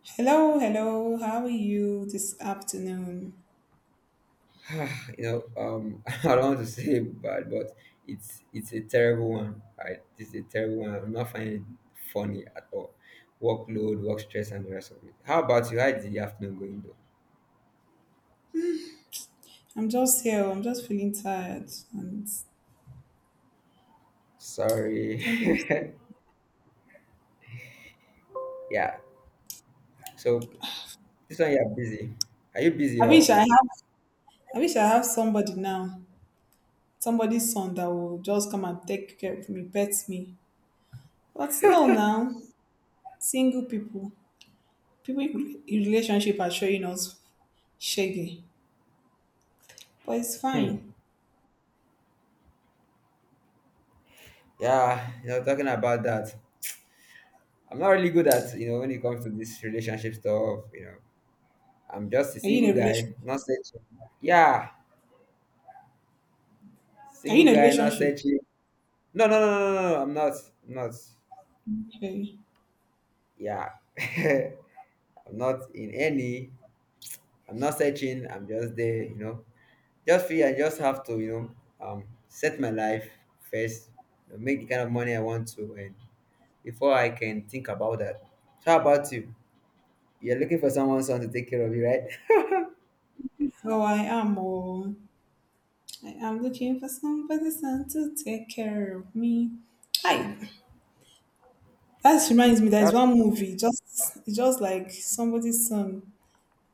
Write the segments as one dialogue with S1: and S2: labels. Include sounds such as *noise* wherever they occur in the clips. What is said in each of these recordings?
S1: Hello, hello. How are you this afternoon?
S2: *sighs* Ah, *laughs* I don't want to say bad, but it's a terrible one. Right? It's a terrible one. I'm not finding it funny at all. Workload, work stress, and the rest of it. How about you? How did the afternoon going though?
S1: I'm just here. I'm just feeling tired, and
S2: Sorry.
S1: don't just.
S2: *laughs* Yeah. So this one you're busy. Are you busy
S1: I wish I
S2: or?
S1: have. I wish I have somebody now. Somebody's son that will just come and take care of me, pet me. But no, now single people, people in relationship are showing us shaggy. But it's
S2: Hmm.
S1: fine.
S2: Yeah. Talking about that, I'm not really good at when it comes to this relationship stuff. I'm just a
S1: Are you in
S2: single
S1: a
S2: guy,
S1: relationship?
S2: not searching. Yeah,
S1: Are you
S2: single
S1: in a
S2: guy, not
S1: relationship?
S2: searching. No, no, no, no, no, no, I'm not. I'm not.
S1: Okay.
S2: Yeah. *laughs* I'm not in any. I'm not searching. I'm just there. Just feel I just have to, set my life first, make the kind of money I want to, and before I can think about that. So how about you? You're looking for someone, someone to take care of you, right?
S1: So I am. Oh, I am looking for somebody son to take care of me. Hi. That reminds me,
S2: *laughs*
S1: there's
S2: That's
S1: one movie, just it's just like somebody's son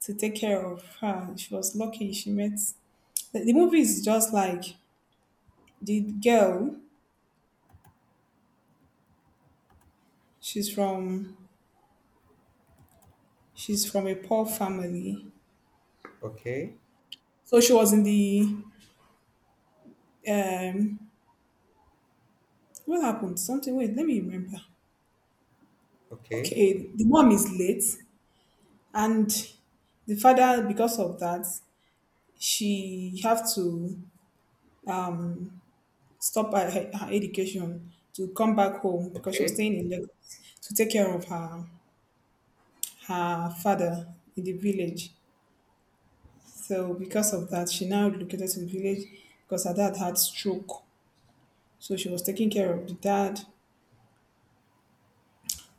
S1: to take care of her. She was lucky she met the movie is just like the girl, she's from she's from a poor family.
S2: okay.
S1: So she was in the um what happened? Something wait, let me remember.
S2: Okay.
S1: Okay, the mom is late and the father because of that she have to stop by her education to come back home because she was
S2: Okay.
S1: staying in Lagos to take care of her father in the village. So because of that, she now relocated to the village because her dad had stroke. So she was taking care of the dad.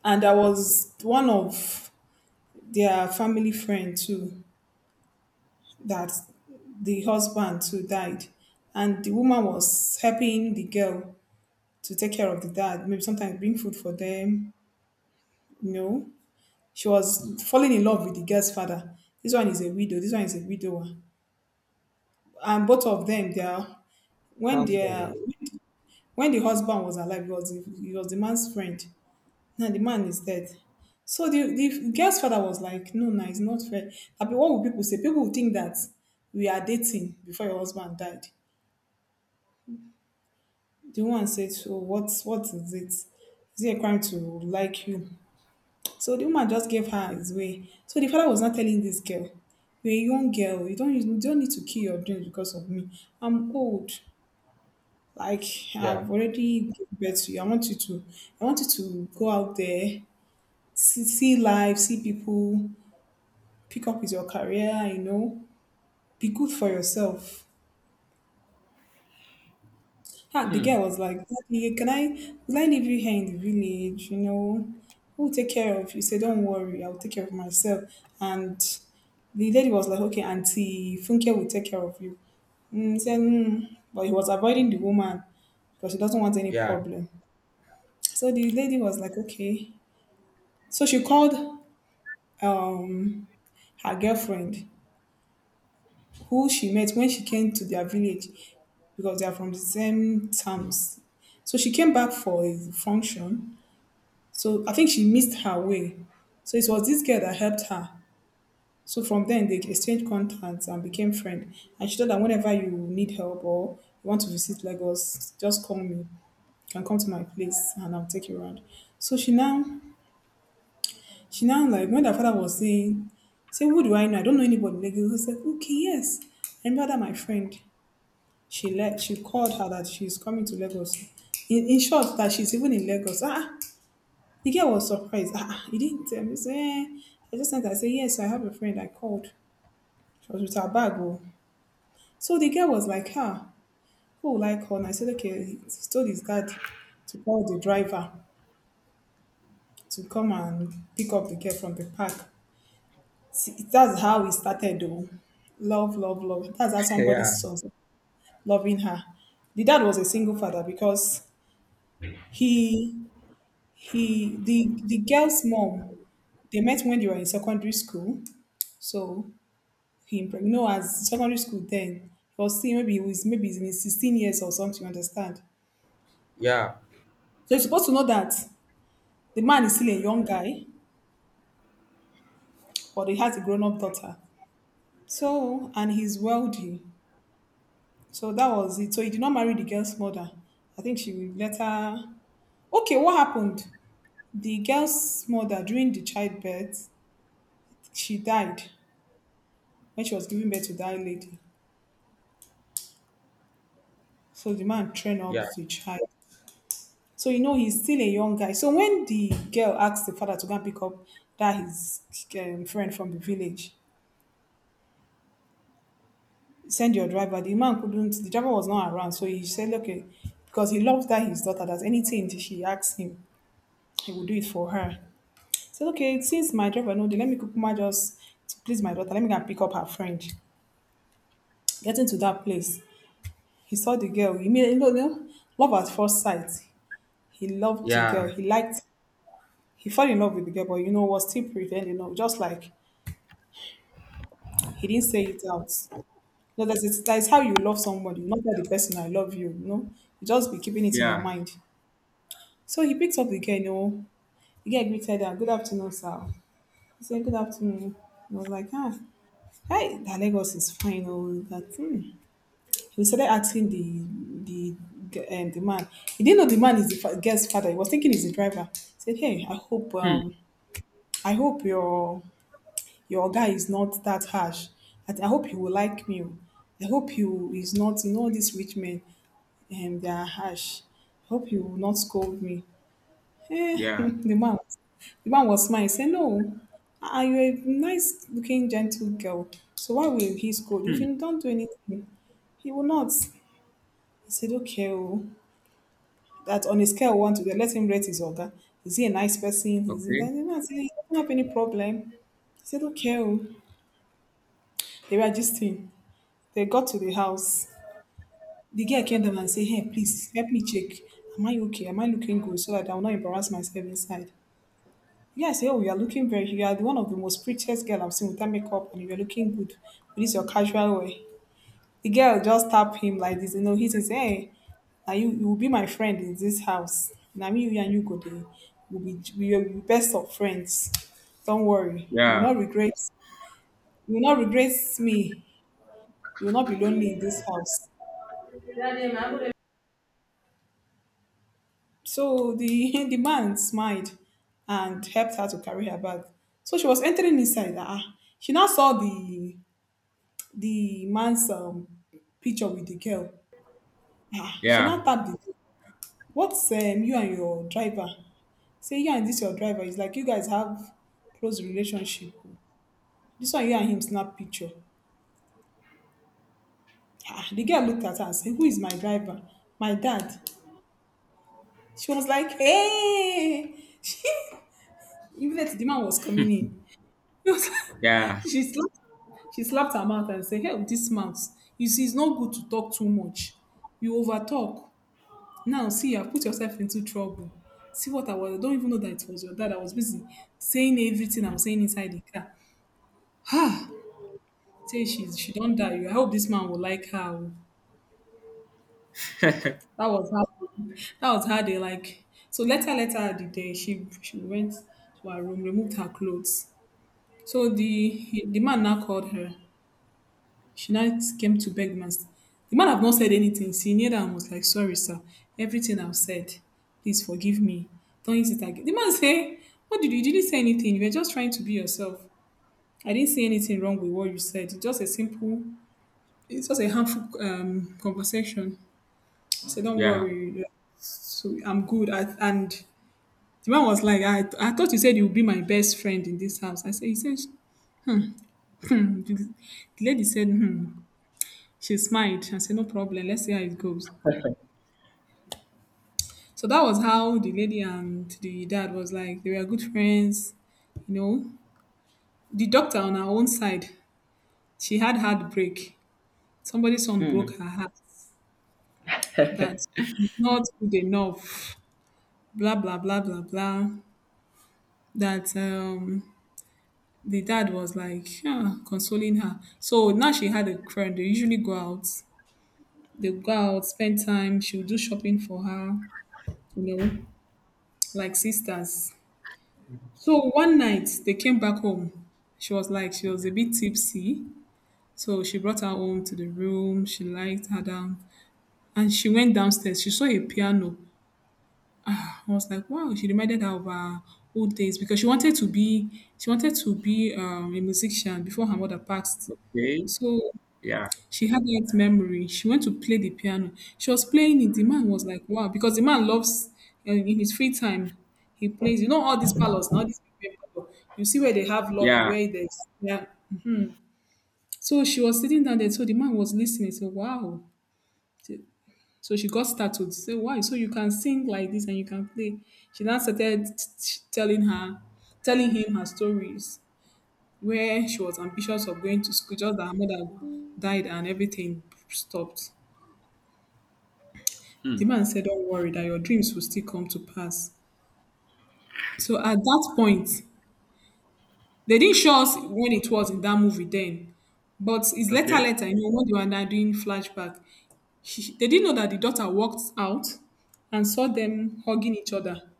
S1: And I was one of their family friend too that the husband too died. And the woman was helping the girl to take care of the dad, maybe sometimes bring food for them, you know, She was falling in love with the girl's father. This one is a widow. This one is a widower. And both of them, they are, when
S2: Sounds
S1: they
S2: funny.
S1: are, when the husband was alive, he was the man's friend. Now the man is dead. So the girl's father was like, no, no, it's not fair. I mean, what will people say? People will think that we are dating before your husband died. The woman said, so what is it? Is it a crime to like you? So the woman just gave her his way. So the father was not telling this girl, you're a young girl, you don't need to kill your dreams because of me. I'm old. Like
S2: Yeah.
S1: I've already given birth to you. I want you to go out there, see life, see people, pick up with your career, be good for yourself. Ah, the girl was like, Daddy, can I will I leave you here in the village? You know, who'll take care of you? He said, don't worry, I'll take care of myself. And the lady was like, okay, Auntie Funke will take care of you. Mm, he said, mm. But he was avoiding the woman because he doesn't want any
S2: Yeah.
S1: problem. So the lady was like, okay. So she called um her girlfriend who she met when she came to their village because they are from the same towns. So she came back for a function. So I think she missed her way. So it was this girl that helped her. So from then they exchanged contacts and became friends. And she told her, whenever you need help or you want to visit Lagos, just call me. You can come to my place and I'll take you around. So she now like when her father was saying, say who do I know? I don't know anybody in Lagos. He said, okay, yes. I remember that my friend. She let she called her that she's coming to Lagos. In short, that she's even in Lagos. Ah, the girl was surprised. Ah, ah, you didn't tell me. So, eh, I just sent her. I said, yes, I have a friend. I called. She was with her bag. Oh. So the girl was like, ah, who will I call? And I said, okay, he told his dad to call the driver to come and pick up the girl from the park. See, that's how it started, though. Love, love, love. That's how
S2: *laughs*
S1: somebody
S2: Yeah.
S1: saw loving her. The dad was a single father because he, the girl's mom, they met when they were in secondary school. So he, pregnant. No, as secondary school then. He was still, maybe he's in his 16 years or something, you understand?
S2: Yeah.
S1: So you're supposed to know that the man is still a young guy, but he has a grown-up daughter. So, and he's wealthy. So that was it. So he did not marry the girl's mother. I think she will later. Okay, what happened? The girl's mother, during the childbirth, she died when she was giving birth to that lady. So the man trained up
S2: Yeah.
S1: the child. So you know he's still a young guy. So when the girl asked the father to go and pick up that his friend from the village, send your driver. The man couldn't. The driver was not around, so he said, "Okay," because he loves that his daughter. That anything she asks him, he will do it for her. Said, okay, since my driver know, then let me kukuma just to please my daughter. Let me go and pick up her friend. Getting to that place, he saw the girl. He immediately, know, love at first sight. He loved the
S2: Yeah.
S1: girl. He liked. He fell in love with the girl, but was still pretending. You know, just like he didn't say it out. No, that's it. That's how you love somebody. Not that the person I love you, you know. You just be keeping it in your
S2: Yeah.
S1: mind. So he picked up the girl. The girl greeted her, good afternoon, sir. He said, good afternoon. I was like, ah, hey, that Lagos is fine. Oh, that, hmm. He started asking the the man. He didn't know the man is the girl's father. He was thinking he's the driver. He said, hey, I hope
S2: Hmm.
S1: um I hope your guy is not that harsh. I hope you will like me, oo. I hope you is not, all these rich men and they are harsh. I hope you will not scold me, eh. *laughs*
S2: Yeah.
S1: The man was smile. He say, no, ah, you are a nice looking gentle girl, so why will he scold if
S2: Hmm.
S1: you don't do anything? He will not. I said, okay. Oh, that on a scale of one to 10, let him rate his organ. Is he a nice person, is he?
S2: Okay.
S1: Then the man say he doesn't have any problem. I said, okay, oh. They were just in. They got to the house. The girl came down and said, hey, please help me check. Am I okay? Am I looking good so that I will not embarrass myself inside? The guy said, oh, you are looking very you are one of the most prettiest girl I've seen without makeup, and you're looking good with this your casual way. The girl just tapped him like this, he says, hey, now you will be my friend in this house. Now me, you and you go there. We will be best of friends. Don't worry. You will
S2: Yeah,
S1: not regret you will not regret me. You will not be lonely in this house. So *laughs* the man smiled and helped her to carry her bag. So she was entering inside. Ah, she now saw the man's picture with the girl. Ah, she
S2: yeah,
S1: now tapped the. What's you and your driver? Say you and this your driver. It's like you guys have close relationship. This one you and him snap picture. Ah, the girl looked at her and said, who is my driver? My dad. She was like, hey! *laughs* Immediately the man was coming in. *laughs* It was like-
S2: yeah,
S1: she slapped she slapped her mouth and said, help this mouth. You see, it's not good to talk too much. You over talk. Now see you have put yourself into trouble. See what I don't even know that it was your dad. I was busy saying everything I was saying inside the car. Say she don't die. I hope this man will like her, oh. That was how they like so later at the day she went to her room, removed her clothes. So the man now called her. She now came to beg man. The man have not said anything. She kneeled and was like, sorry, sir. Everything I've said, please forgive me. Don't use it again. The man say, you didn't say anything. You were just trying to be yourself. I didn't see anything wrong with what you said. It's just a harmful conversation. So don't
S2: yeah.
S1: worry. Yeah. So I'm good. And the man was like, I thought you said you would be my best friend in this house. I said, he said, *laughs* *clears throat* the lady said, hmm. She smiled and said, "No problem. Let's see how it goes." So that was how the lady and the dad was like. They were good friends, you know. The doctor on her own side, she had heartbreak. Somebody's son
S2: Hmm.
S1: broke her heart. That she's not good enough. Blah blah blah blah blah. That the dad was like, yeah, consoling her. So now she had a friend. They usually go out. They go out, spend time. She'll do shopping for her, you know, like sisters. So one night they came back home. She was like, she was a bit tipsy. So she brought her home to the room. She lied her down and she went downstairs. She saw a piano. I was like, wow, she reminded her of her old days because she wanted to be a musician before her mother passed.
S2: Okay.
S1: So
S2: Yeah,
S1: she had that memory. She went to play the piano. She was playing it. The man was like, wow, because the man loves, in his free time, he plays. You know, all these palaces, all these big people, you see where they have lobby,
S2: yeah.
S1: where there's, yeah. So she was sitting down there. So the man was listening. So, wow. So she got startled. Say, why? So you can sing like this and you can play. She then started telling her, telling him her stories where she was ambitious of going to school, just that her mother died and everything stopped.
S2: Hmm.
S1: The man said, "Don't worry, that your dreams will still come to pass." So at that point, they didn't show us when it was in that movie then. But it's later,
S2: Okay.
S1: later, you know, when they were now doing flashback, they didn't know that the daughter walked out and saw them hugging each other.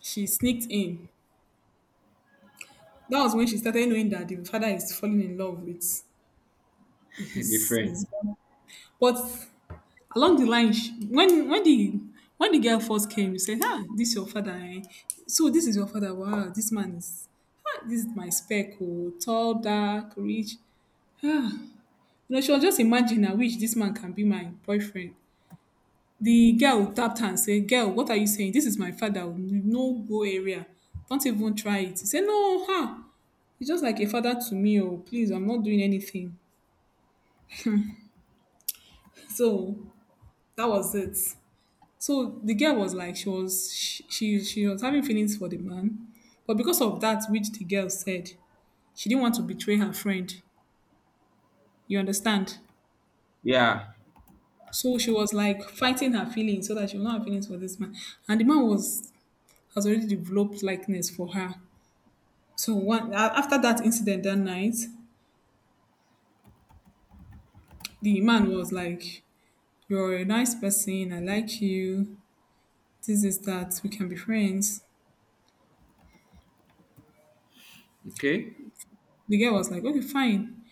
S1: She sneaked in. That was when she started knowing that the father is falling in love with
S2: *laughs* Different.
S1: his but along the line when the girl first came, you said, "Ah, this your father, eh? So this is your father. Wow, this man is ah, this is my spec. Oh, tall, dark, rich." You know, she was just imagining, "I wish this man can be my boyfriend." The girl tapped her and said, "Girl, what are you saying? This is my father. Oh, no go area. Don't even try it." He said, "No, huh, he's just like a father to me. Oh, please, I'm not doing anything." *laughs* So that was it. So the girl was like, she was having feelings for the man, but because of that, which the girl said, she didn't want to betray her friend. You understand?
S2: Yeah.
S1: So she was like fighting her feelings so that she will not have feelings for this man. And the man was has already developed likeness for her. So one after that incident that night, the man was like, "You're a nice person. I like you. This is that. We can be friends."
S2: Okay.
S1: The girl was like, "Okay, fine."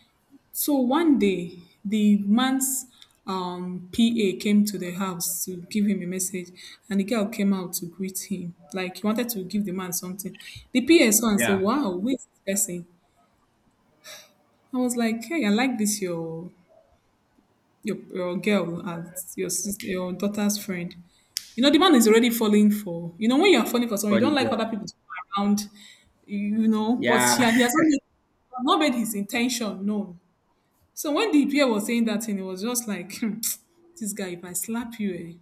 S1: So one day, the man's PA came to the house to give him a message, and the girl came out to greet him. Like he wanted to give the man something. The PA saw and said,
S2: Yeah.
S1: "Wow, who is this person?" I was like, "Hey, I like this your girl as your sister, your daughter's friend." You know, the man is already falling for. You know, when you are falling for someone,
S2: For
S1: you
S2: the
S1: don't like
S2: girl.
S1: other people to come around. You know, but
S2: Yeah,
S1: yeah, he has not made, not made his intention known. So when the pair was saying that thing, it was just like, "Hmm, this guy, if I slap you, eh."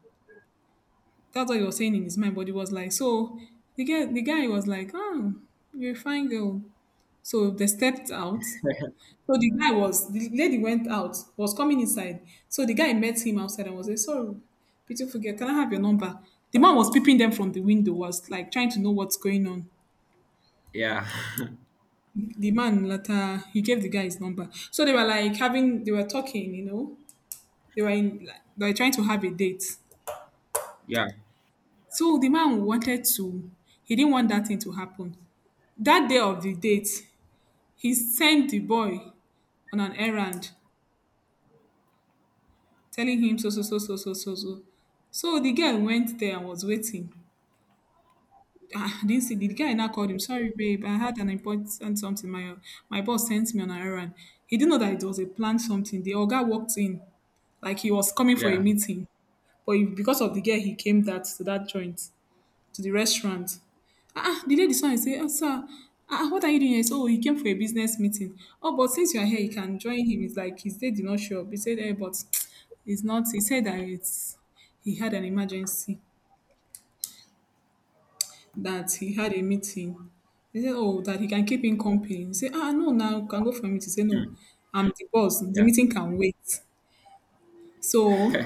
S1: That's what he was saying in his mind, but he was like, so the guy was like, "Oh, you're a fine girl." So they stepped out. So the lady went out, was coming inside. So the guy met him outside and was like, "Sorry, beautiful girl, can I have your number?" The man was peeping them from the window, was like trying to know what's going on.
S2: *laughs* yeah,
S1: The man later, he gave the guy his number. So they were like having, they were talking, you know, they were trying to have a date.
S2: yeah,
S1: So the man wanted to, he didn't want that thing to happen. That day of the date, he sent the boy on an errand, telling him so, so, so, so, so, so, so. So the girl went there and was waiting. Ah, I didn't see the guy now called him. "Sorry, babe, I had an important something. My boss sent me on an errand." He didn't know that it was a planned something. The guy walked in like he was coming for a
S2: yeah.
S1: meeting, but because of the girl, he came that to that joint, to the restaurant. Ah, ah, the lady saw and say, "Oh, sir, ah, ah, what are you doing here?" He oh, he came for a business meeting. "Oh, but since you are here, you can join him. It's like his day did not show up." He said, "Eh, but *tsk* it's not." He said that it's he had an emergency, that he had a meeting. He said, oh, that he can keep in company. He said, "Ah, no, now you can go for a meeting." He said, "No,
S2: Hmm.
S1: I'm the boss. The
S2: Yeah.
S1: meeting can wait." So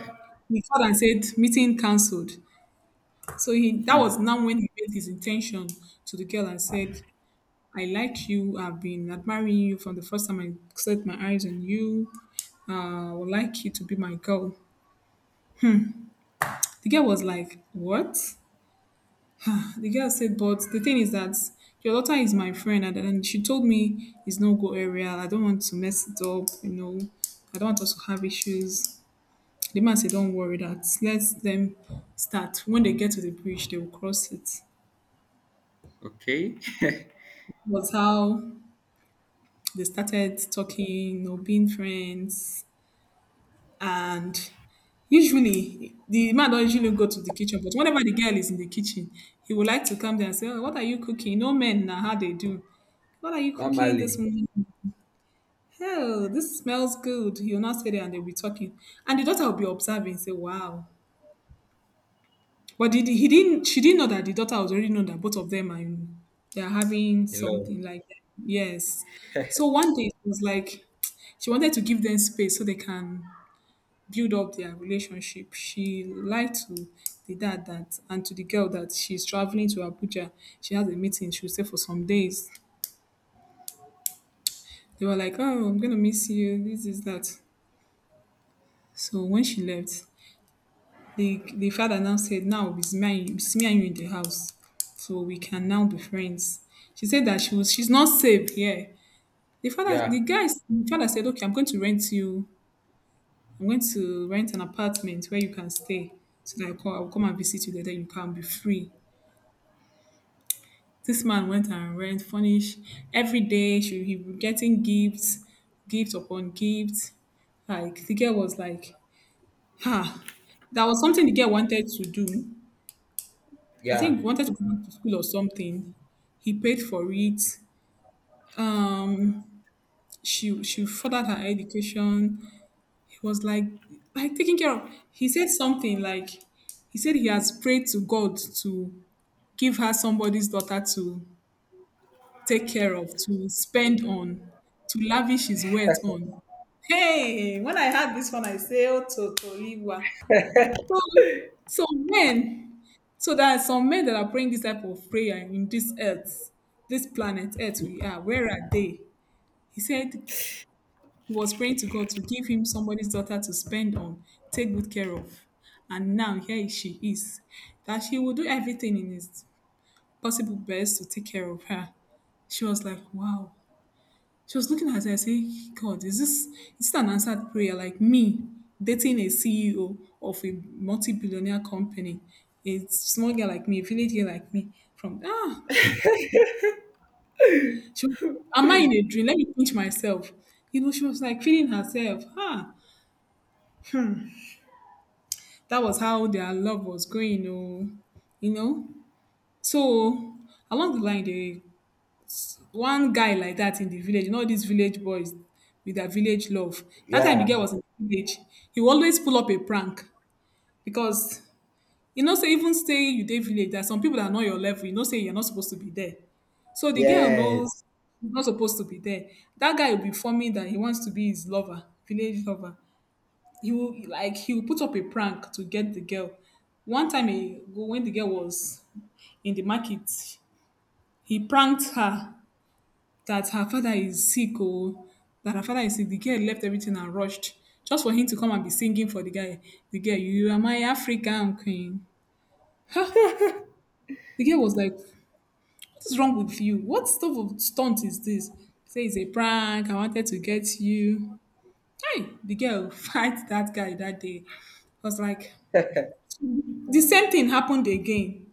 S1: he called and said, "Meeting cancelled." So he that was now when he made his intention to the girl and said, "I like you. I've been admiring you from the first time I set my eyes on you. I would like you to be my girl." The girl was like, "What?" The girl said, "But the thing is that your daughter is my friend. And then she told me it's no go area. I don't want to mess it up. You know, I don't want us to have issues." The man said, "Don't worry that. Let them start. When they get to the bridge, they will cross it."
S2: Okay.
S1: Was how they started talking, you know, being friends. And usually, the man don't usually go to the kitchen, but whenever the girl is in the kitchen, he would like to come there and say, "Oh, what are you cooking?" No men now, how they do. "What are you cooking this
S2: Normally
S1: morning? Hell, this smells good." He'll not say that and they'll be talking. And the daughter will be observing, say, wow. But did he didn't she didn't know that the daughter was already know that both of them are they're having
S2: in love.
S1: something like that. Yes. So one day it was like she wanted to give them space so they can build up their relationship. She lied to the dad that and to the girl that she's traveling to Abuja. She has a meeting, she'll stay for some days. They were like, "Oh, I'm gonna miss you, this is that." So when she left, the father now said, "Now it's me and you, it's me and you in the house, so we can now be friends." She said that she's not safe here.
S2: Yeah,
S1: The father said, "Okay, I'm going to rent you, I'm going to rent an apartment where you can stay so that I will come and visit you there, then you can be free." This man went and rent, furnish. Every day she he was getting gifts, gift upon gift. Like the girl was like, ha. That was something the girl wanted to do. I
S2: yeah,
S1: think wanted to go back to school or something. He paid for it. Um, she furthered her education. He was like taking care of. He said something like he said he has prayed to God to give her somebody's daughter to take care of, to spend on, to lavish his wealth on. Hey, when I heard this one, I say, oh, Totoliwa. So, so men, so there are some men that are praying this type of prayer in this earth, this planet earth we are. Where are they? He said he was praying to God to give him somebody's daughter to spend on, take good care of. And now here she is, that she will do everything in his possible best to take care of her. She was like, wow. She was looking at her and saying, "God, is this an answered prayer? Like me dating a CEO of a multi-billionaire company, a small girl like me, a village girl like me, from ah," she was like, "Am I in a dream? Let me pinch myself." You know, she was like feeling herself. Ah, that was how their love was going. Oh, you know. So along the line, they one guy like that in the village, you know these village boys with their village love. That time the
S2: yeah.
S1: girl was in the village, he will always pull up a prank because you know say even stay you dey village, there are some people that are not your level, you know say you're not supposed to be there. So the girl knows
S2: Yes.
S1: she's not supposed to be there. That guy will be forming that he wants to be his lover, village lover. He will like he will put up a prank to get the girl. One time he, when the girl was in the market, he pranked her that her father is sick or that her father is sick. The girl left everything and rushed just for him to come and be singing for the guy. The girl, you are my African queen. Huh? The girl was like, what is wrong with you? What sort of stunt is this? Say it's a prank. I wanted to get you. Hey, the girl *laughs* fight that guy that day. I was like, the same thing happened again.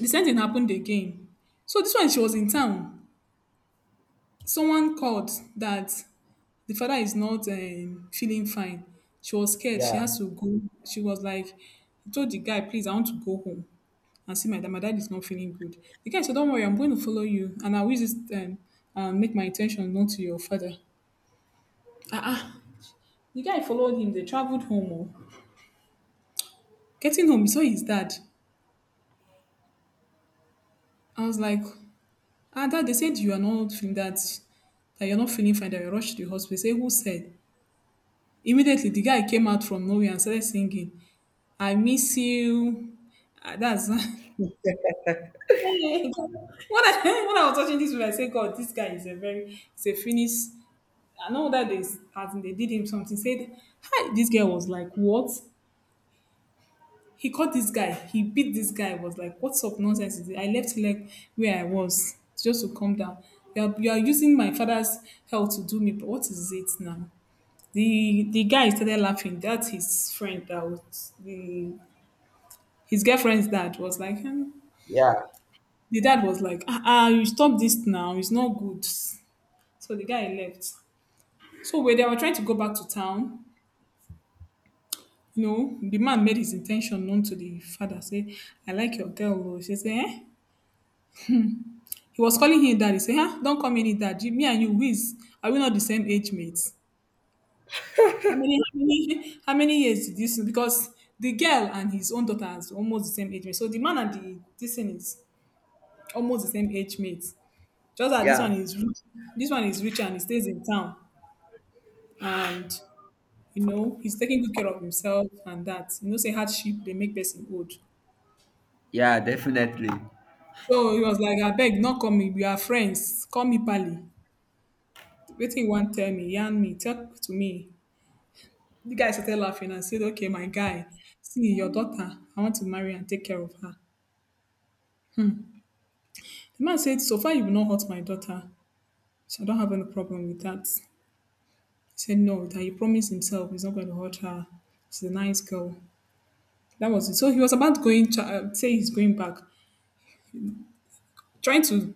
S1: The same thing happened again. So this one, she was in town. Someone called that the father is not feeling fine. She was scared. She
S2: Yeah,
S1: has to go. She was like, I told the guy, please, I want to go home and see my dad. My dad is not feeling good. The guy said, don't worry, I'm going to follow you. And I will use um, and make my intention known to your father. Ah, ah. The guy followed him. They traveled home. Oh. Getting home, he saw his dad. I was like, ah, dad, they said you are not feeling that, that you're not feeling fine, that you rushed to the hospital. He said, who said? Immediately, the guy came out from nowhere and started singing, I miss you. Ah, that's *laughs* when I *laughs* when I was watching this movie, I said, God, this guy is a very it's a Finnish. I know that they as in they did him something. Said, hi, this guy was like, what? He caught this guy. He beat this guy. Was like, what sort of nonsense is it? I left leg where I was just to calm down. You are using my father's health to do me. But what is it now? The guy started laughing. That's his friend. That was the his girlfriend's dad was like, hmm.
S2: yeah,
S1: The dad was like, ah, ah, you stop this now. It's not good. So the guy left. So when they were trying to go back to town, you know, the man made his intention known to the father. Say, I like your girl. Oh. She say, eh? He was calling him dad. He say, huh? Don't call me any dad. You- Me and you, we is- are we not the same age mates? How many, how many, how many years did this? Because the girl and his own daughter is almost the same age mate. So the man and the this thing is almost the same age mate. Just that this one
S2: yeah,
S1: is rich. This one is rich and he stays in town, and you know he's taking good care of himself and that. You know, say hardship they make person old.
S2: yeah. Definitely.
S1: So he was like, "I beg, not call me. We are friends. Call me Pali. Waiting you want tell me, yarn me, talk to me." The guy started laughing and said, "Okay, my guy, see your daughter. I want to marry and take care of her." The man said, "So far, you have not hurt my daughter. So I don't have any problem with that." He said, "No, that he promised himself he's not going to hurt her. She's a nice girl." That was it. So he was about going, to, say he's going back, trying to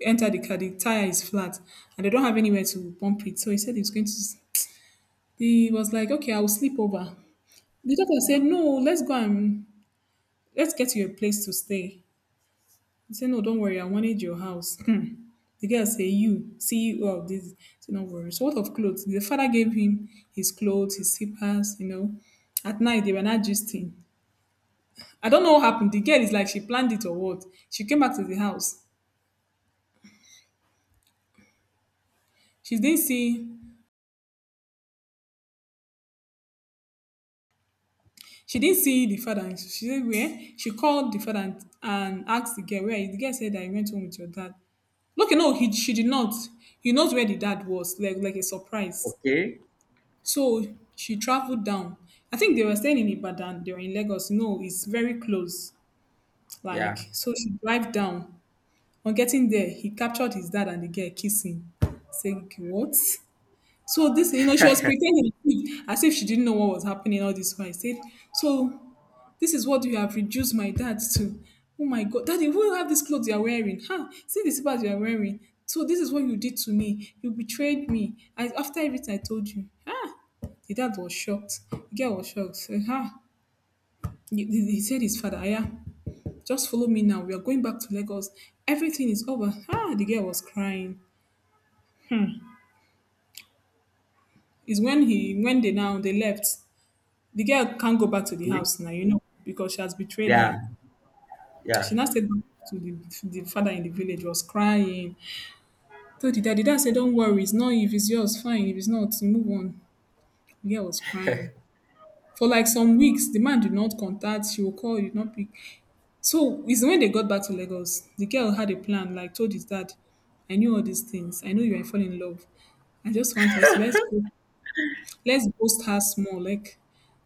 S1: enter the car. The tire is flat, and they don't have anywhere to pump it. So he said he's going to. He was like, "Okay, I will sleep over." The doctor said, "No, let's go and let's get you a place to stay." He said, "No, don't worry, I wanted your house." *laughs* Hmm. The girl said, "You see, all of this. So don't worry." So what of clothes? The father gave him his clothes, his slippers. You know, at night they were not gisting. I don't know what happened. The girl is like she planned it or what. She came back to the house. She didn't see she didn't see the father. And she said where she called the father and asked the girl where the girl said that he went home with your dad. Look, no, he she did not. He knows where the dad was, like a surprise.
S2: Okay.
S1: So she traveled down. I think they were staying in Ibadan. They were in Lagos. No, it's very close.
S2: Yeah.
S1: Like so, she drive down. On getting there, he captured his dad and the girl kissing, saying what? So this, you know, she was pretending as if she didn't know what was happening all this while. I said so. This is what you have reduced my dad to. Oh my God, daddy, who have these clothes you are wearing? Huh? See the slippers you are wearing. So this is what you did to me. You betrayed me. I, after everything I told you. Ah, the dad was shocked. The girl was shocked. Say, huh? He, he said his father, yeah, just follow me now. We are going back to Lagos. Everything is over. Ah, the girl was crying. Hmm. It's when he when they now they left. The girl can't go back to the
S2: Okay.
S1: house now, you know, because she has betrayed
S2: Yeah,
S1: her. She
S2: yeah,
S1: now said to the father in the village was crying. Told the dad said, don't worry, it's not if it's yours, fine. If it's not, you move on. The girl was crying. For like some weeks, the man did not contact, she will call, he did not pick. So it's when they got back to Lagos, the girl had a plan, like told his dad, I knew all these things. I know you are falling in love. I just want us let's go let's boost her small, like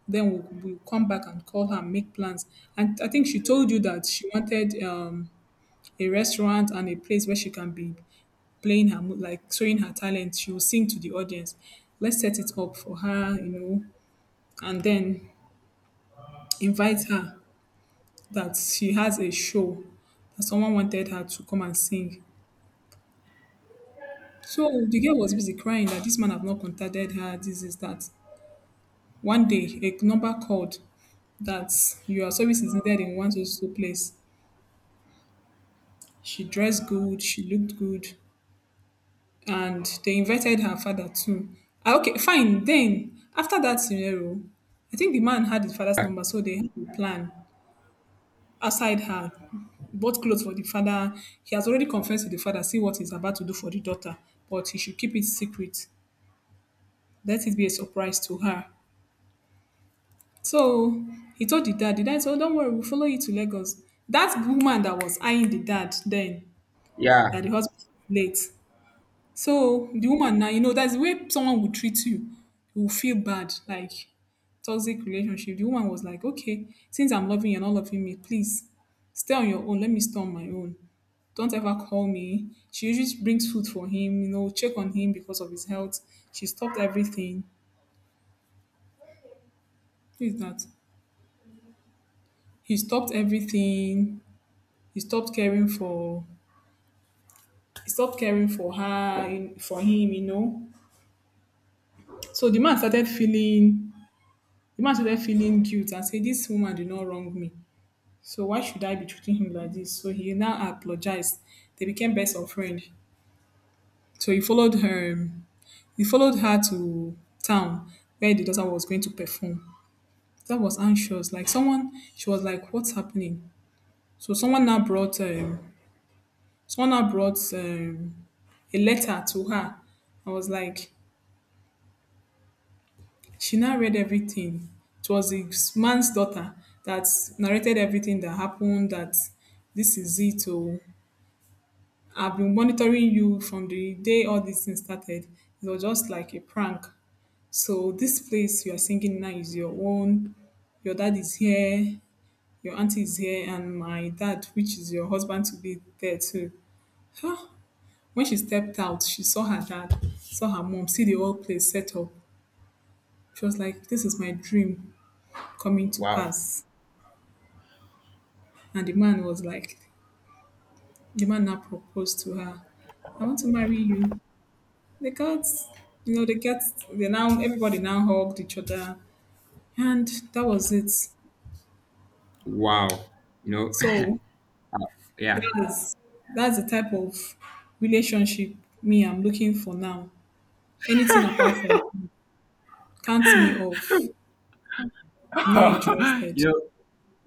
S1: then we'll come back and call her and make plans. And I think she told you that she wanted a restaurant and a place where she can be playing her mu- like showing her talent. She will sing to the audience. Let's set it up for her, you know, and then invite her that she has a show that someone wanted her to come and sing. So the girl was busy crying that this man have not contacted her. This is that. One day, a number called that your service is needed in one so so place. She dressed good. She looked good. And they invited her father too. Ah, okay, fine. Then after that scenario, I think the man had his father's number, so they had a plan outside her. Bought clothes for the father. He has already confessed to the father, see what he's about to do for the daughter, but he should keep it secret. Let it be a surprise to her. So he told the dad said, oh, don't worry, we'll follow you to Lagos. That woman that was eyeing the dad then, that
S2: yeah.
S1: the husband was late, so the woman now, you know, that's the way someone would treat you. You will feel bad, like toxic relationship. The woman was like, okay, since I'm loving you and not loving me, please stay on your own. Let me stay on my own. Don't ever call me. She usually brings food for him, you know, check on him because of his health. She stopped everything. Who is that? He stopped everything. He stopped caring for he stopped caring for her, in- for him, you know. So the man started feeling The man started feeling guilt and said, this woman did not wrong me. So why should I be treating him like this? So he now apologized. They became best of friend. So he followed her to town where the daughter was going to perform. That was anxious. Like someone she was like, what's happening? So someone now brought um someone now brought a letter to her. I was like she now read everything. It was the man's daughter that narrated everything that happened, that this is it. Oh, I've been monitoring you from the day all these things started. It was just like a prank. So this place you are singing now is your own. Your dad is here, your auntie is here, and my dad, which is your husband to be there too. Huh? When she stepped out, she saw her dad, saw her mom, see the whole place set up. She was like, this is my dream coming to
S2: Wow.
S1: pass. And the man was like, the man now proposed to her, I want to marry you. They got, you know, they get, they now, everybody now hugged each other. And that was it.
S2: Wow. You know.
S1: So
S2: *laughs* Yeah.
S1: that's, that's the type of relationship me I'm looking for now. Anything apart from count me off. I'm not
S2: *laughs*
S1: interested.
S2: you know,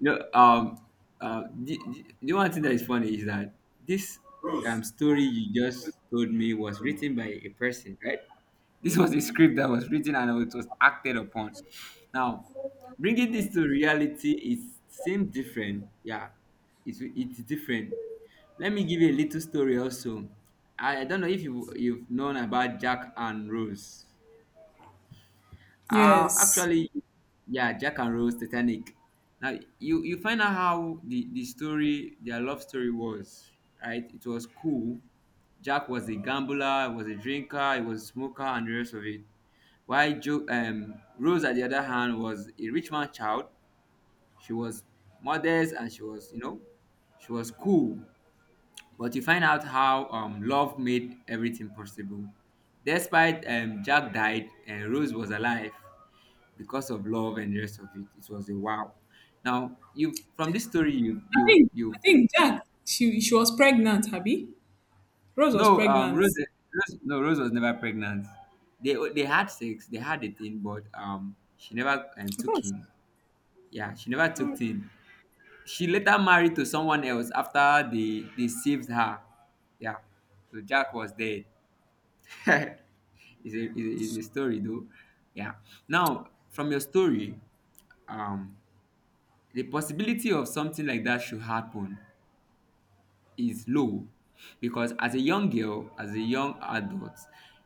S2: you know, um, the, the one thing that is funny is that this story you just told me was written by a person, right? This was a script that was written and it was acted upon. Now, bringing this to reality is same different. Yeah, it's different. Let me give you a little story also. I don't know if you've known about Jack and Rose.
S1: Yes.
S2: Actually, yeah, Jack and Rose, Titanic. Now you find out how the story, their love story was, right? It was cool. Jack was a gambler, was a drinker, he was a smoker, and the rest of it. While Joe, Rose, at the other hand, was a rich man's child. She was modest and she was, she was cool. But you find out how love made everything possible. Despite Jack died and Rose was alive, because of love and the rest of it. It was a wow. Now you from this story,
S1: I
S2: you,
S1: think Jack, she was pregnant, Abby. Rose was
S2: no,
S1: pregnant.
S2: Rose, Rose was never pregnant. They had sex, they had a thing, but she never
S1: I
S2: took
S1: thought,
S2: him. Yeah, she never took him. She later married to someone else after they saved her. Yeah, so Jack was dead. *laughs* it's, a, it's a story though. Yeah. Now from your story, um, the possibility of something like that should happen is low, because as a young adult,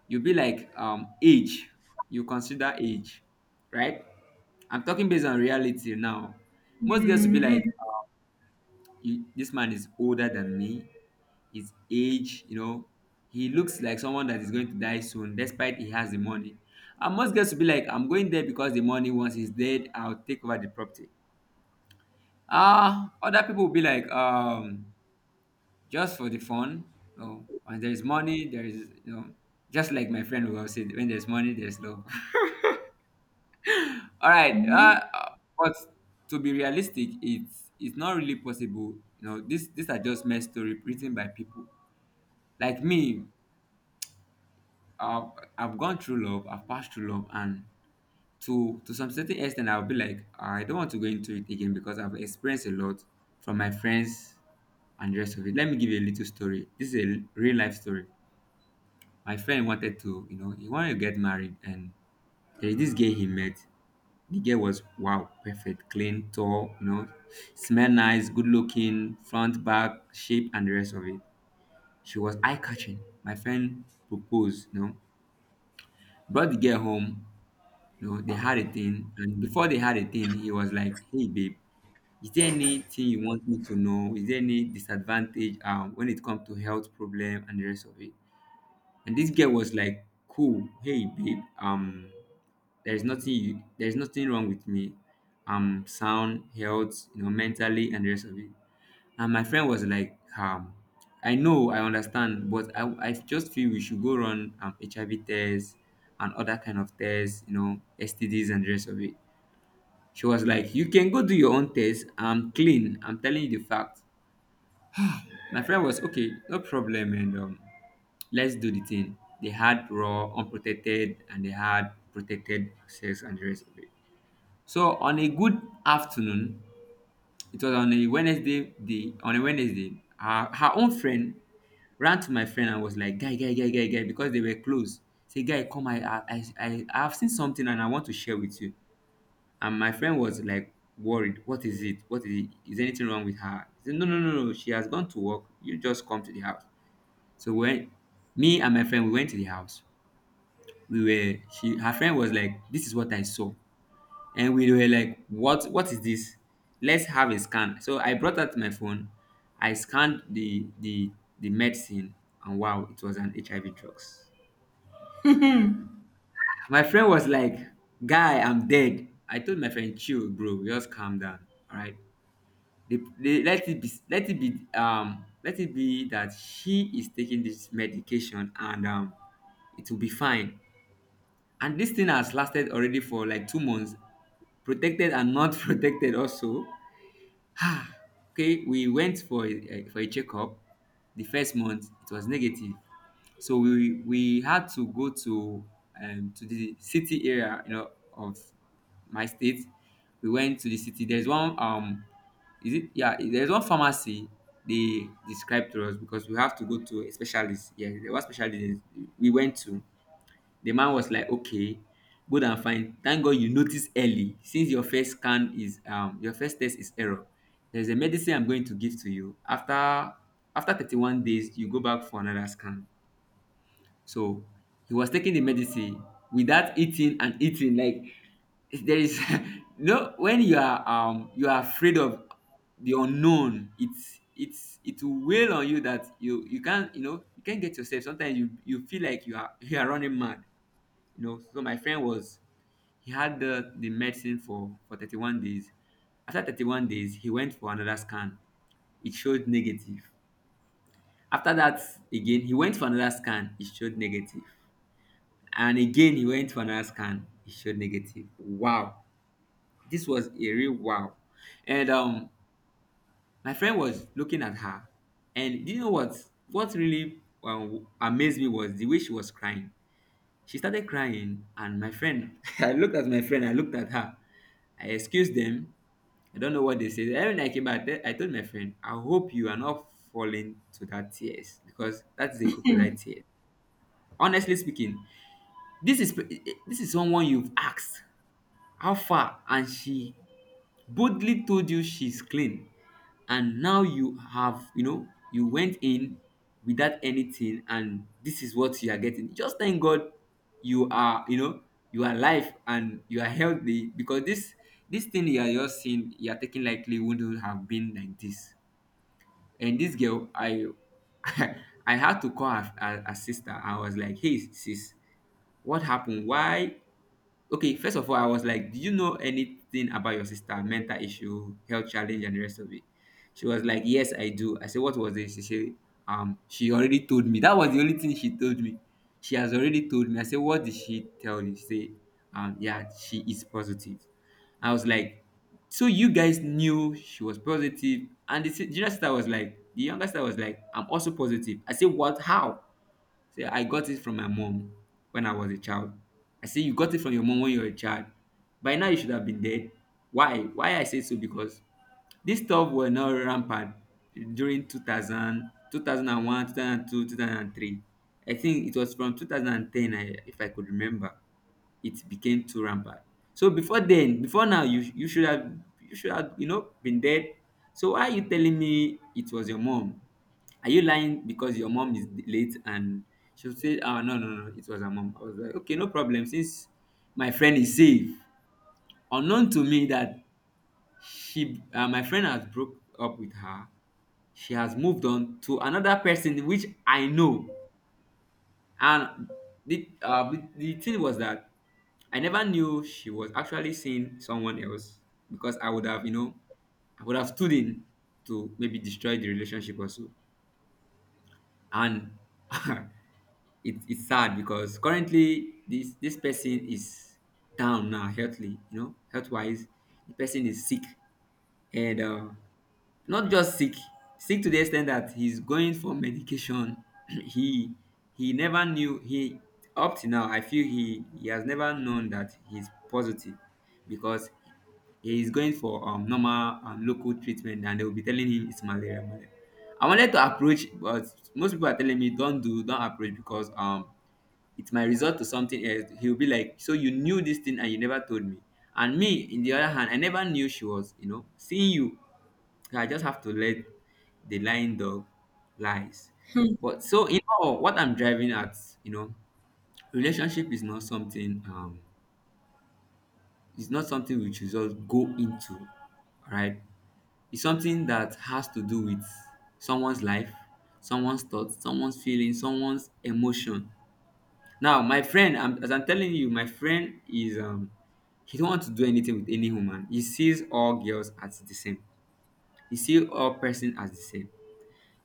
S2: you'll be like, age, you consider age, right. I'm talking based on reality now. Most girls will be like, "You, this man is older than me, his age, he looks like someone that is going to die soon, despite he has the money. And most girls will be like, I'm going there because the money, once he's dead, I'll take over the property. Ah, other people will be like, just for the fun." Oh, when there is money, there is, just like my friend will say, when there's money, there's love. *laughs* All right, but to be realistic, it's not really possible. This these are just mere story written by people like me. I've, I've gone through love, I've passed through love, and to some certain extent, I'll be like, I don't want to go into it again because I've experienced a lot from my friends and the rest of it. Let me give you a little real life story. My friend wanted to, you know, he wanted to get married, and there's this girl he met. The girl was wow, perfect, clean, tall, smell nice, good looking, front, back, shape, and the rest of it. She was eye catching. My friend proposed, brought the girl home. They had a thing, and before they had a thing, he was like, "Hey, babe, is there anything you want me to know? Is there any disadvantage when it comes to health problem and the rest of it?" And this girl was like, "Cool, hey, babe, there's nothing wrong with me. I'm sound health, mentally, and the rest of it." And my friend was like, "I know, I understand, but I just feel we should go run HIV tests and other kind of tests, STDs and the rest of it." She was like, "You can go do your own test, I'm clean, I'm telling you the fact." My friend was, "Okay, no problem." And let's do the thing. They had raw unprotected and they had protected sex and the rest of it. So on a good afternoon, it was on on a Wednesday, her own friend ran to my friend and was like, "Guy, guy, guy, guy, guy," because they were close. Say, "Guy, come, I've seen something and I want to share with you." And my friend was like worried. What is it? What is it? Is anything wrong with her? He said, "No, no, no, no, she has gone to work. You just come to the house." So when me and my friend, we went to the house. Her friend was like, "This is what I saw." And we were like, what is this? Let's have a scan. So I brought out my phone. I scanned the medicine. And wow, it was an HIV drugs. My friend was like, "Guy, I'm dead." I told my friend, "Chill, bro, just calm down, all right? They, let it be, let it be that she is taking this medication, and it will be fine." And this thing has lasted already for like 2 months, protected and not *laughs* protected also. Ah, okay, we went for for a checkup. The first month it was negative, so we had to go to, to the city area, of my state. We went to the city. There's one, is it yeah? there's one pharmacy they described to us, because we have to go to a specialist. Yeah, there was specialist we went to. The man was like, "Okay, good and fine. Thank God you noticed early. Since your first test is error, there's a medicine I'm going to give to you. After 31 days, you go back for another scan." So he was taking the medicine without eating and eating. Like, there is, *laughs* no, when you are, you are afraid of the unknown, it will weigh on you, that you can't, you can't get yourself. Sometimes you feel like you are *laughs* you are running mad. So my friend was he had the medicine for 31 days. After 31 days, he went for another scan. It showed negative. After that, again, he went for another scan. It showed negative. And again, he went for another scan. It showed negative. Wow, this was a real wow. And my friend was looking at her. And do you know what, really, amazed me was the way she was crying. She started crying, and my friend, *laughs* I looked at my friend, I looked at her. I excused them. I don't know what they said. And when I came back, I told my friend, "I hope you are not falling to that tears, because that is a crocodile tear. Honestly speaking, this is someone you've asked, how he bullying, and you know, without you you know you are helped, because this thing you are just seeing, you are taking likely, wouldn't have been like this." And this girl, I *laughs* I had to call her, sister. I was like, "Hey sis, what happened? Why?" Okay, first of all, I was like, "Do you know anything about your sister, mental issue, health challenge, and the rest of it?" She was like, "Yes, I do." I said, "What was it?" She said, " she already told me. That was the only thing she told me. She has already told me." I said, "What did she tell you?" She said, "Yeah, she is positive." I was like, "So you guys knew she was positive?" And the junior sister was like, "The younger sister was like, I'm also positive." I said, "What? How?" Say, I got it from my mom when I was a child. I say, you got it from your mom when you were a child. By now, you should have been dead. Why? Why I say so? Because this stuff were not rampant during two thousand, two thousand 2002, 2003. I think it was from 2010, if I could remember, it became too rampant. So before then, before now, you should have you should have you know been dead. So why are you telling me it was your mom? Are you lying because your mom is late? And she'll say, oh, no, no, no, it was her mom. I was like, okay, no problem, since my friend is safe. Unknown to me that she my friend has broke up with her. She has moved on to another person, which I know. And the thing was that I never knew she was actually seeing someone else, because I would have, you know, I would have stood in to maybe destroy the relationship also. And *laughs* it's sad because currently this person is down now, healthily, you know, health wise. The person is sick, and not just sick, sick to the extent that he's going for medication. *clears throat* he he never knew he up to now, I feel he has never known that he's positive, because he is going for normal and local treatment, and they will be telling him it's malaria, malaria. I wanted to approach, but most people are telling me, don't approach, because, it might result to something else. He'll be like, so you knew this thing and you never told me, and me in the other hand, I never knew she was, seeing you. So I just have to let the lying dog lies. But so in all, what I'm driving at, you know, relationship is not something, it's not something we should just go into, right? It's something that has to do with someone's life, someone's thoughts, someone's feelings, someone's emotion. Now, my friend, as I'm telling you, my friend is he don't want to do anything with any woman. He sees all girls as the same. He sees all person as the same.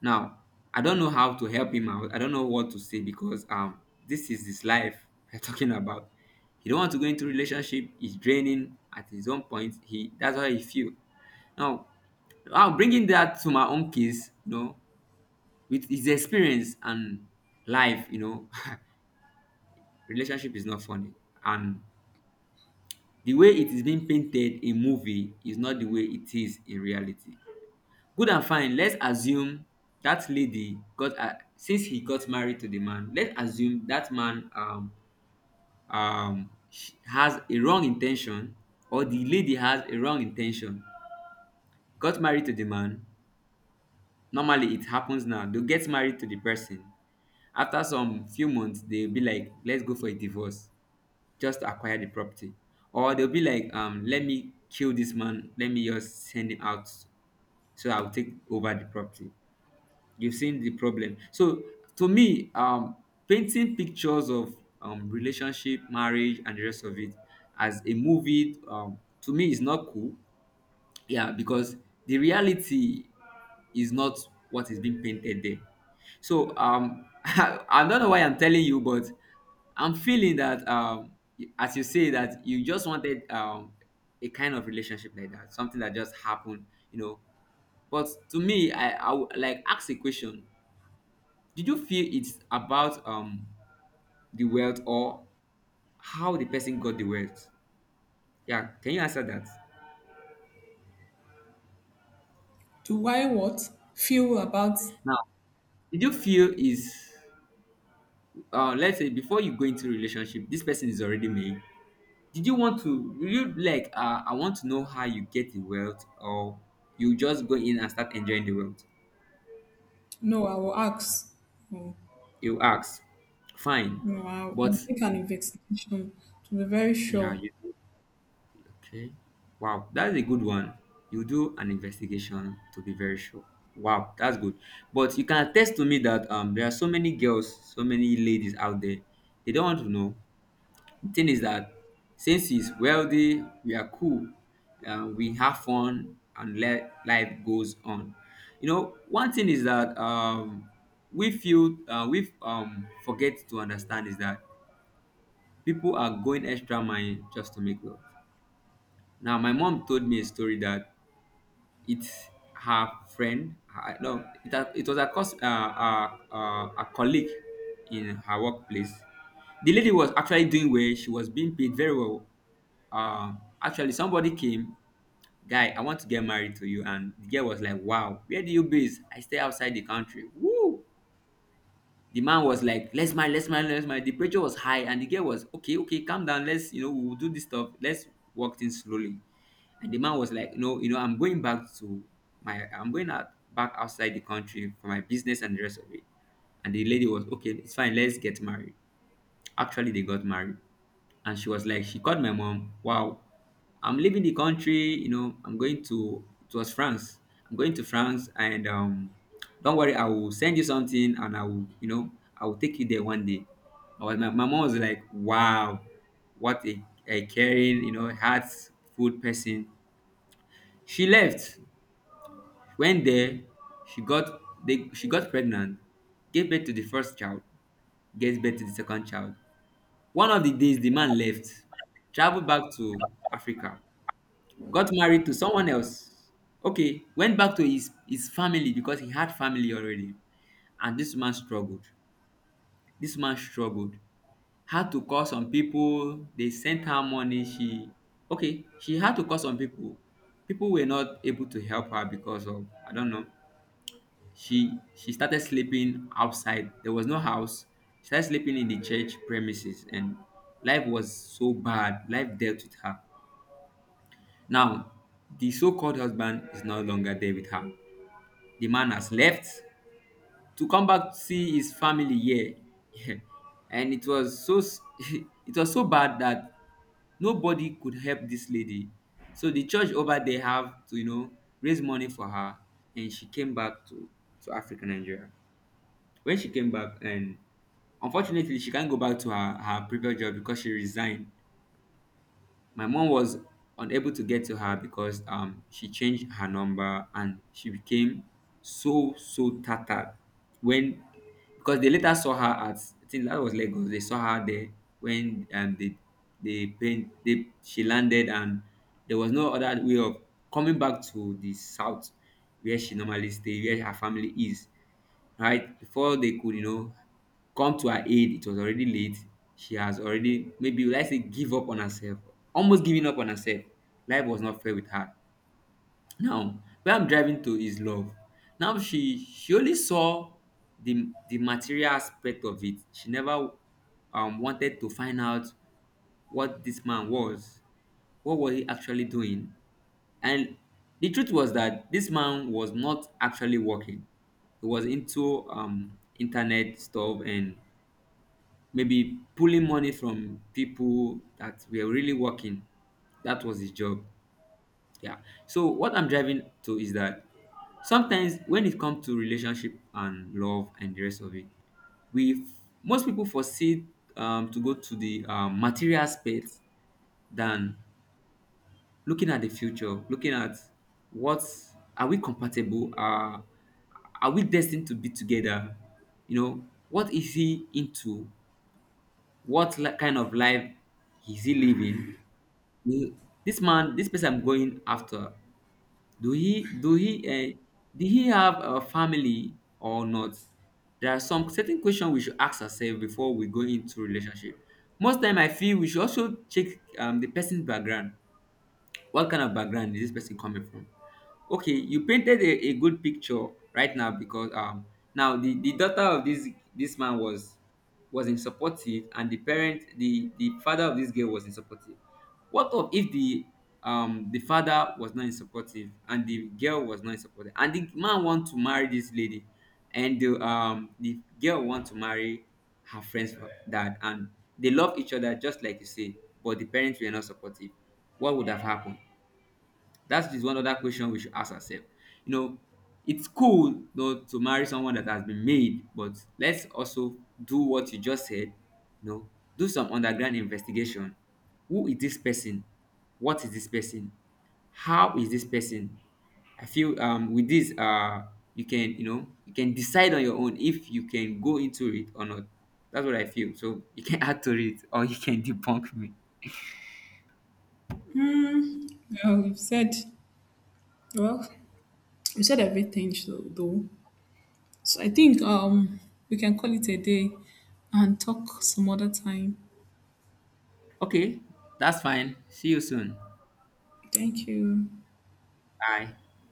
S2: Now, I don't know how to help him out. I don't know what to say because, this is his life *laughs* we're talking about. He don't want to go into relationship. He's draining at his own point. He That's how he feel. Now, I'm bringing that to my own case. You know, with his experience and life. You know, *laughs* relationship is not funny, and the way it is being painted in movie is not the way it is in reality. Good and fine, let's assume that lady got her since he got married to the man. Let's assume that man, has a wrong intention, or the lady has a wrong intention, got married to the man. Normally it happens. Now they get married to the person, after some few months they'll be like, let's go for a divorce, just to acquire the property. Or they'll be like, let me kill this man, let me just send him out, so I'll take over the property. You've seen the problem. So to me, painting pictures of relationship, marriage and the rest of it, as a movie, to me, is not cool. Yeah, because the reality is not what is being painted there. So, *laughs* I don't know why I'm telling you, but I'm feeling that, as you say that you just wanted, a kind of relationship like that, something that just happened, you know. But to me, I would like ask a question. Did you feel it's about, the wealth, or how the person got the wealth? Yeah, can you answer that?
S1: do I what? Feel about
S2: Now, did you feel is, let's say before you go into relationship, this person is already made. Did you want to did you like I want to know how you get the wealth, or you just go in and start enjoying the wealth?
S1: no, I will ask. No,
S2: You ask, fine, but
S1: I'll make an investigation to be very
S2: yeah,
S1: sure.
S2: you. Okay. Wow, that's a good one. You do an investigation to be very sure. Wow, that's good. But you can attest to me that, there are so many girls, so many ladies out there. They don't want to know. The thing is that since he's wealthy, we are cool, we have fun, and let life goes on. You know, one thing is that we feel, we forget to understand is that people are going extra mile just to make wealth. Now, my mom told me a story that it's her friend. Her, no, it, ha- It was a, a colleague in her workplace. The lady was actually doing well. She was being paid very well. Actually, somebody came, guy, I want to get married to you, and the girl was like, "Wow, where do you base?" I stay outside the country. Woo! The man was like, let's marry, let's marry, let's marry. The pressure was high, and the girl was, okay, okay, calm down, let's, you know, we'll do this stuff, let's work things slowly. And the man was like, no, you know, I'm going back to my I'm going out back outside the country for my business and the rest of it. And the lady was, okay, it's fine, let's get married. Actually, they got married. And she was like, she called my mom, wow, I'm leaving the country, you know, I'm going to, it was France. I'm going to France, and, don't worry, I will send you something, and I will, you know, I will take you there one day. My mom was like, wow, what a caring, you know, heartful person. She left. Went there, she got she got pregnant, gave birth to the first child, gave birth to the second child. One of the days, the man left, traveled back to Africa, got married to someone else. Okay, went back to his family, because he had family already. And this man struggled. This man struggled. Had to call some people. They sent her money. She Okay, she had to call some people. People were not able to help her, because of, I don't know, she started sleeping outside. There was no house. She started sleeping in the church premises, and life was so bad. Life dealt with her. Now, the so-called husband is no longer there with her. The man has left to come back to see his family here, *laughs* and it was so *laughs* it was so bad that nobody could help this lady. So the church over there have to, you know, raise money for her, and she came back to Africa, Nigeria. When she came back, and unfortunately she can't go back to her previous job, because she resigned. My mom was unable to get to her, because, she changed her number, and she became so so tattered, when, because they later saw her at, I think that was Lagos. They saw her there when, they paint they she landed, and there was no other way of coming back to the south, where she normally stay, where her family is, right? Before they could, you know, come to her aid, it was already late. She has already, maybe would I say, give up on herself, almost giving up on herself. Life was not fair with her. Now, where I'm driving to is love. Now she only saw the material aspect of it. She never wanted to find out what this man was. What was he actually doing? And the truth was that this man was not actually working. He was into, internet stuff, and maybe pulling money from people that were really working. That was his job. Yeah. So what I'm driving to is that sometimes when it comes to relationship and love and the rest of it, we, most people, foresee, to go to the material space, than looking at the future, looking at what, are we compatible? Are we destined to be together? You know, what is he into? What kind of life is he living? Will, this man, this person I'm going after, do he do he, did he have a family or not? There are some certain questions we should ask ourselves before we go into relationship. Most time, I feel we should also check, the person's background. What kind of background is this person coming from? Okay, you painted a good picture right now, because, now the daughter of this man was, wasn't supportive, and the parent, the father of this girl wasn't supportive. What of if the, the father was not supportive, and the girl was not supportive, and the man want to marry this lady, and the, the girl want to marry her friend's dad, and they love each other, just like you say, but the parents were not supportive, what would have happened? That is one other question we should ask ourselves. You know, it's cool though to marry someone that has been made, but let's also do what you just said. You know, do some underground investigation. Who is this person? What is this person? How is this person? I feel, with this, you can, you know, you can decide on your own if you can go into it or not. That's what I feel. So you can *laughs* add to it, or you can debunk me.
S1: Hmm. Well, well, you said everything, so, though. So I think we can call it a day and talk some other time.
S2: Okay, that's fine. See you soon.
S1: Thank you.
S2: Bye.